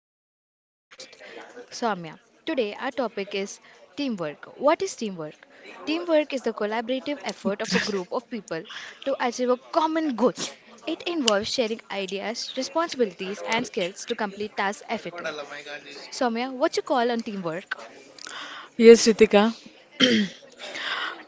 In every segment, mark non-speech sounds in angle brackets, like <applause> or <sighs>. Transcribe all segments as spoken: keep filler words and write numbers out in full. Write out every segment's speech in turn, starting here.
Gaud with my co host Soumya. Today, our topic is teamwork. What is teamwork? Teamwork is the collaborative effort of a group <laughs> of people to achieve a common goal. It involves sharing ideas, responsibilities, and skills to complete tasks effectively. Soumya, what's your call on teamwork? Yes, Ritika. <clears throat>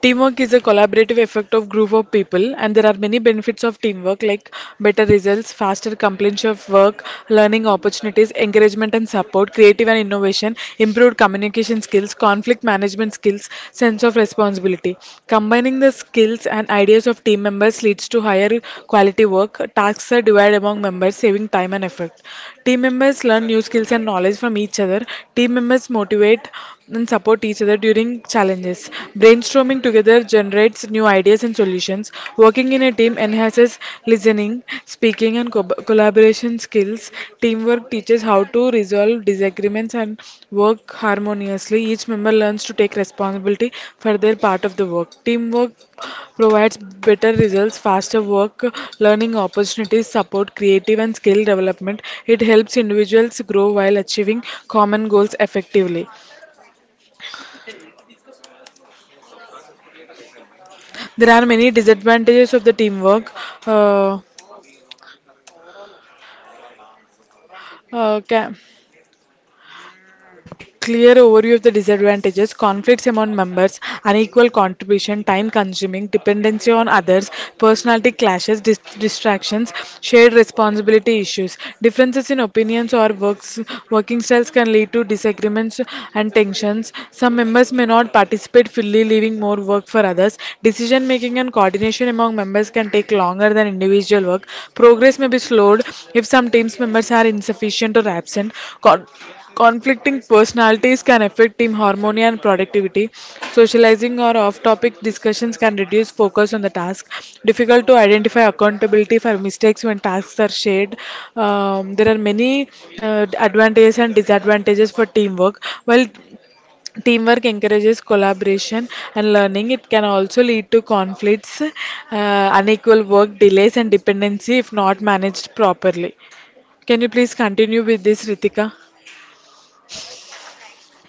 Teamwork is a collaborative effect of group of people, and there are many benefits of teamwork like better results, faster completion of work, learning opportunities, encouragement and support, creative and innovation, improved communication skills, conflict management skills, sense of responsibility. Combining the skills and ideas of team members leads to higher quality work. Tasks are divided among members, saving time and effort. Team members learn new skills and knowledge from each other. Team members motivate and support each other during challenges. Brainstorming together generates new ideas and solutions. Working in a team enhances listening, speaking, and co- collaboration skills. Teamwork teaches how to resolve disagreements and work harmoniously. Each member learns to take responsibility for their part of the work. Teamwork provides better results, faster work, learning opportunities, support, creative and skill development. It helps individuals grow while achieving common goals effectively. There are many disadvantages of the teamwork. Uh, uh, ca- Clear overview of the disadvantages, conflicts among members, unequal contribution, time consuming, dependency on others, personality clashes, dis- distractions, shared responsibility issues. Differences in opinions or works, working styles can lead to disagreements and tensions. Some members may not participate fully, leaving more work for others. Decision making and coordination among members can take longer than individual work. Progress may be slowed if some team members are insufficient or absent. Con- Conflicting personalities can affect team harmony and productivity. Socializing or off topic discussions can reduce focus on the task. Difficult to identify accountability for mistakes when tasks are shared. Um, there are many uh, advantages and disadvantages for teamwork. While teamwork encourages collaboration and learning, it can also lead to conflicts, uh, unequal work, delays, and dependency if not managed properly. Can you please continue with this, Ritika?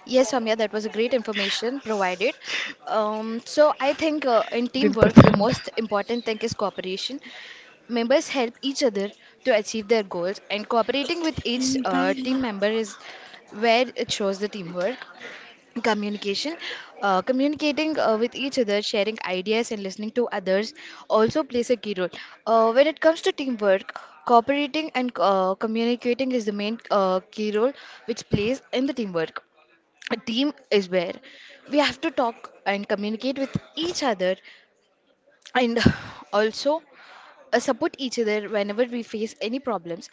Yes, Soumya, that was a great information provided. Um, so I think uh, in दिन को teamwork, the most important thing is cooperation. Members help each other to achieve their goals, and cooperating with each uh, team Teamwork. member is where it shows the teamwork. Communication, uh, communicating uh, with each other, sharing ideas, and listening to others also plays a key role. Uh, when it comes to teamwork, cooperating and uh, communicating is the main uh, key role which plays in the teamwork. A team is where we have to talk and communicate with each other and <sighs> also uh, support each other whenever we face any problems.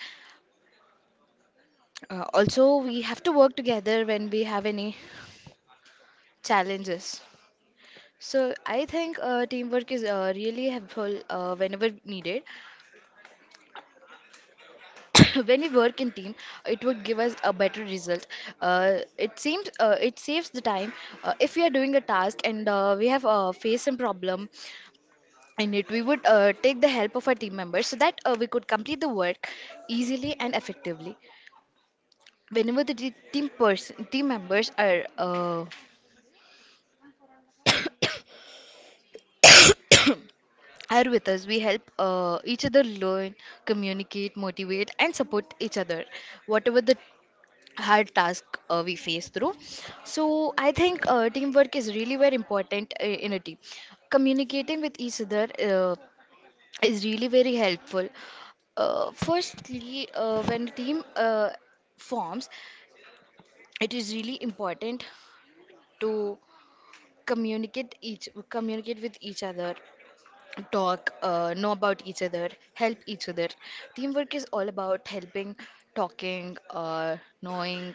Uh, also, we have to work together when we have any challenges. So I think uh, teamwork is uh, really helpful uh, whenever needed. <coughs> When we work in team, it would give us a better result. Uh, it seems uh, it saves the time. Uh, if we are doing a task and uh, we have uh, faced some problem in it, we would uh, take the help of our team members so that uh, we could complete the work easily and effectively. Whenever the te- team person team members are uh, are with us, we help uh, each other learn, communicate, motivate and support each other whatever the hard task uh, we face through. So I think uh, teamwork is really very important uh, in a team. Communicating with each other uh, is really very helpful. Uh, firstly uh, when a team uh, forms, it is really important to communicate each communicate with each other, talk, uh, know about each other, help each other. Teamwork is all about helping, talking, uh, knowing,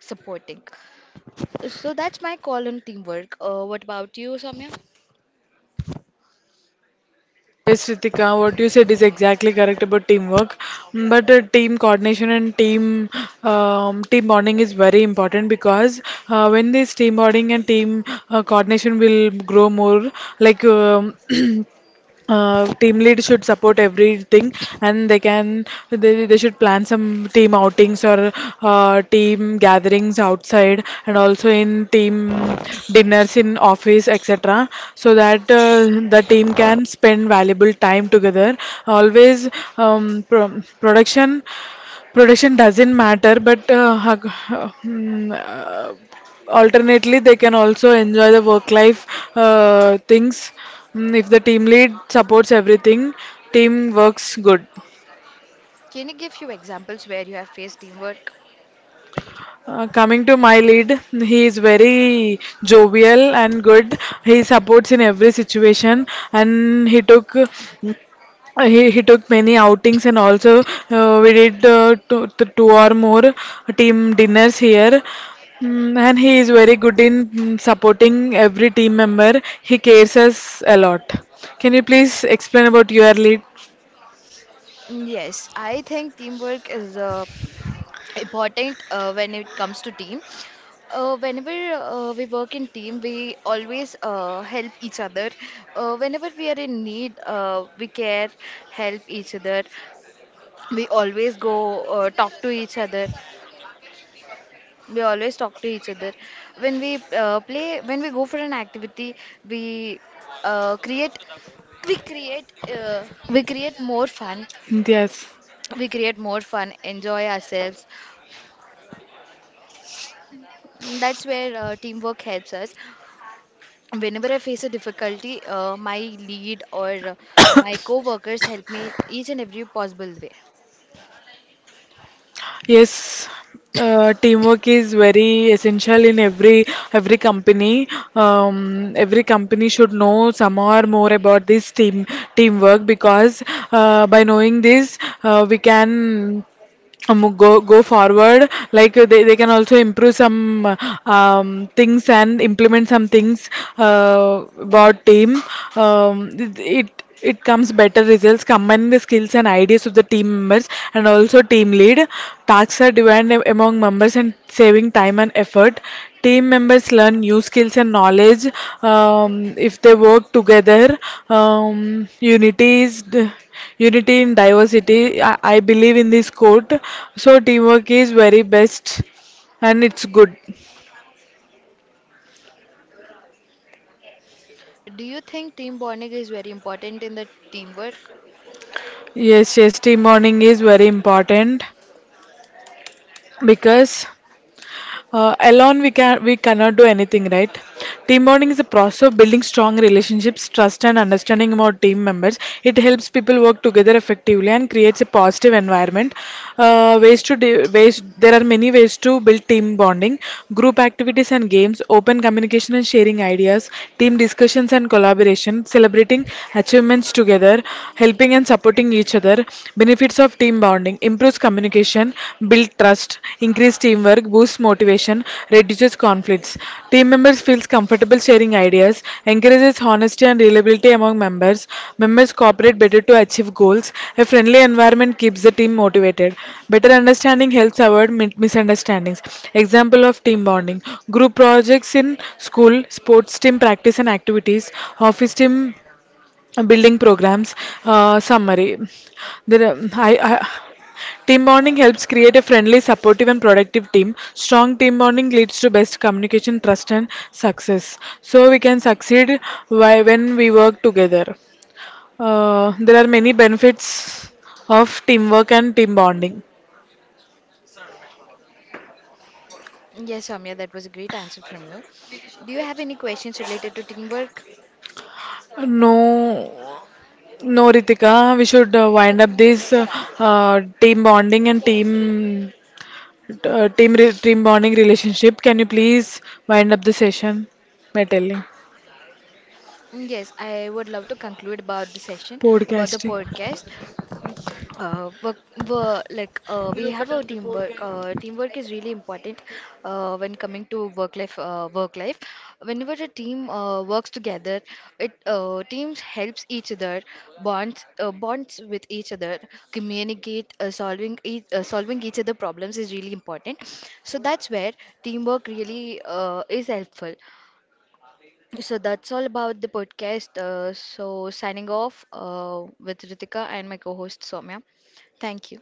supporting. So that's my call on teamwork. Uh, what about you, Samya? Yes, Ritika, what you said is exactly correct about teamwork. Mm, But uh, team coordination and team um, team bonding is very important because uh, when this team bonding and team uh, coordination will grow more, like um <clears throat> uh, team lead should support everything and they can they, they should plan some team outings or uh, team gatherings outside and also in team dinners in office, etc., so that uh, the team can spend valuable time together always, um, pro- production production doesn't matter, but uh, hug- uh, mm, alternately, they can also enjoy the work life uh, things. Mm, If the team lead supports everything, team works good. Can you give few examples where you have faced teamwork? Uh, coming to my lead, he is very jovial and good. He supports in every situation, and he took Uh, He, he took many outings, and also uh, we did uh, two, th- two or more team dinners here. Mm, and he is very good in mm, supporting every team member. He cares us a lot. Can you please explain about your lead? Mm, yes, I think teamwork is uh, important uh, when it comes to team. Uh, whenever uh, we work in team, we always uh, help each other. Uh, whenever we are in need, uh, we care, help each other. we always go uh, talk to each other we always talk to each other when we uh, play, when we go for an activity, we uh, create we create uh, we create more fun, Yes. we create more fun enjoy ourselves. That's where uh, teamwork helps us. Whenever I face a difficulty, uh, my lead or uh, my co-workers help me in each and every possible way. Yes, uh, teamwork is very essential in every every company. Um, every company should know some or more about this team teamwork because uh, by knowing this, uh, we can um, go go forward. Like uh, they, they can also improve some uh, um, things and implement some things uh, about team. Um, it, it it comes better results, combining the skills and ideas of the team members and also team lead. Tasks are divided among members and saving time and effort. Team members learn new skills and knowledge um, if they work together. Um, unity is d- unity in diversity. I, I, believe in this quote. So teamwork is very best and it's good. Do you think team bonding is very important in the teamwork? Yes, yes, team bonding is very important because Uh, alone we can we cannot do anything, right? Team bonding is a process of building strong relationships, trust, and understanding about team members. It helps people work together effectively and creates a positive environment. Uh, ways to de- ways, there are many ways to build team bonding: group activities and games, open communication and sharing ideas, team discussions and collaboration, celebrating achievements together, helping and supporting each other. Benefits of team team bonding: improves communication, builds trust, increases teamwork, boosts motivation, reduces conflicts. Team members feel comfortable sharing ideas, encourages honesty and reliability among members. Members cooperate better to achieve goals. A friendly environment keeps the team motivated. Better understanding helps avoid mi- misunderstandings. Example of team bonding: group projects in school, sports team practice and activities, office team building programs. Uh, summary: there are- I, I, team bonding helps create a friendly, supportive, and productive team. Strong team bonding leads to best communication, trust, and success, so we can succeed why, when we work together, uh, there are many benefits of teamwork and team bonding. Yes, Soumya, that was a great answer from you. Do you have any questions related to teamwork? No, no, Ritika, we should uh, wind up this uh, uh, team bonding and team uh, team re- team bonding relationship. Can you please wind up the session by telling Mm, yes, I would love to conclude about the session, about the podcasting? podcast. Uh, work, wo- like uh, we have a teamwork. Uh, teamwork is really important uh, when coming to work life. Uh, work life. Whenever a team uh, works together, it uh, teams helps each other, bonds uh, bonds with each other, communicate, uh, solving each, uh, solving each other problems is really important. So that's where teamwork really uh, is helpful. So that's all about the podcast. Uh, so signing off uh, with Ritika and my co-host Soumya. Thank you.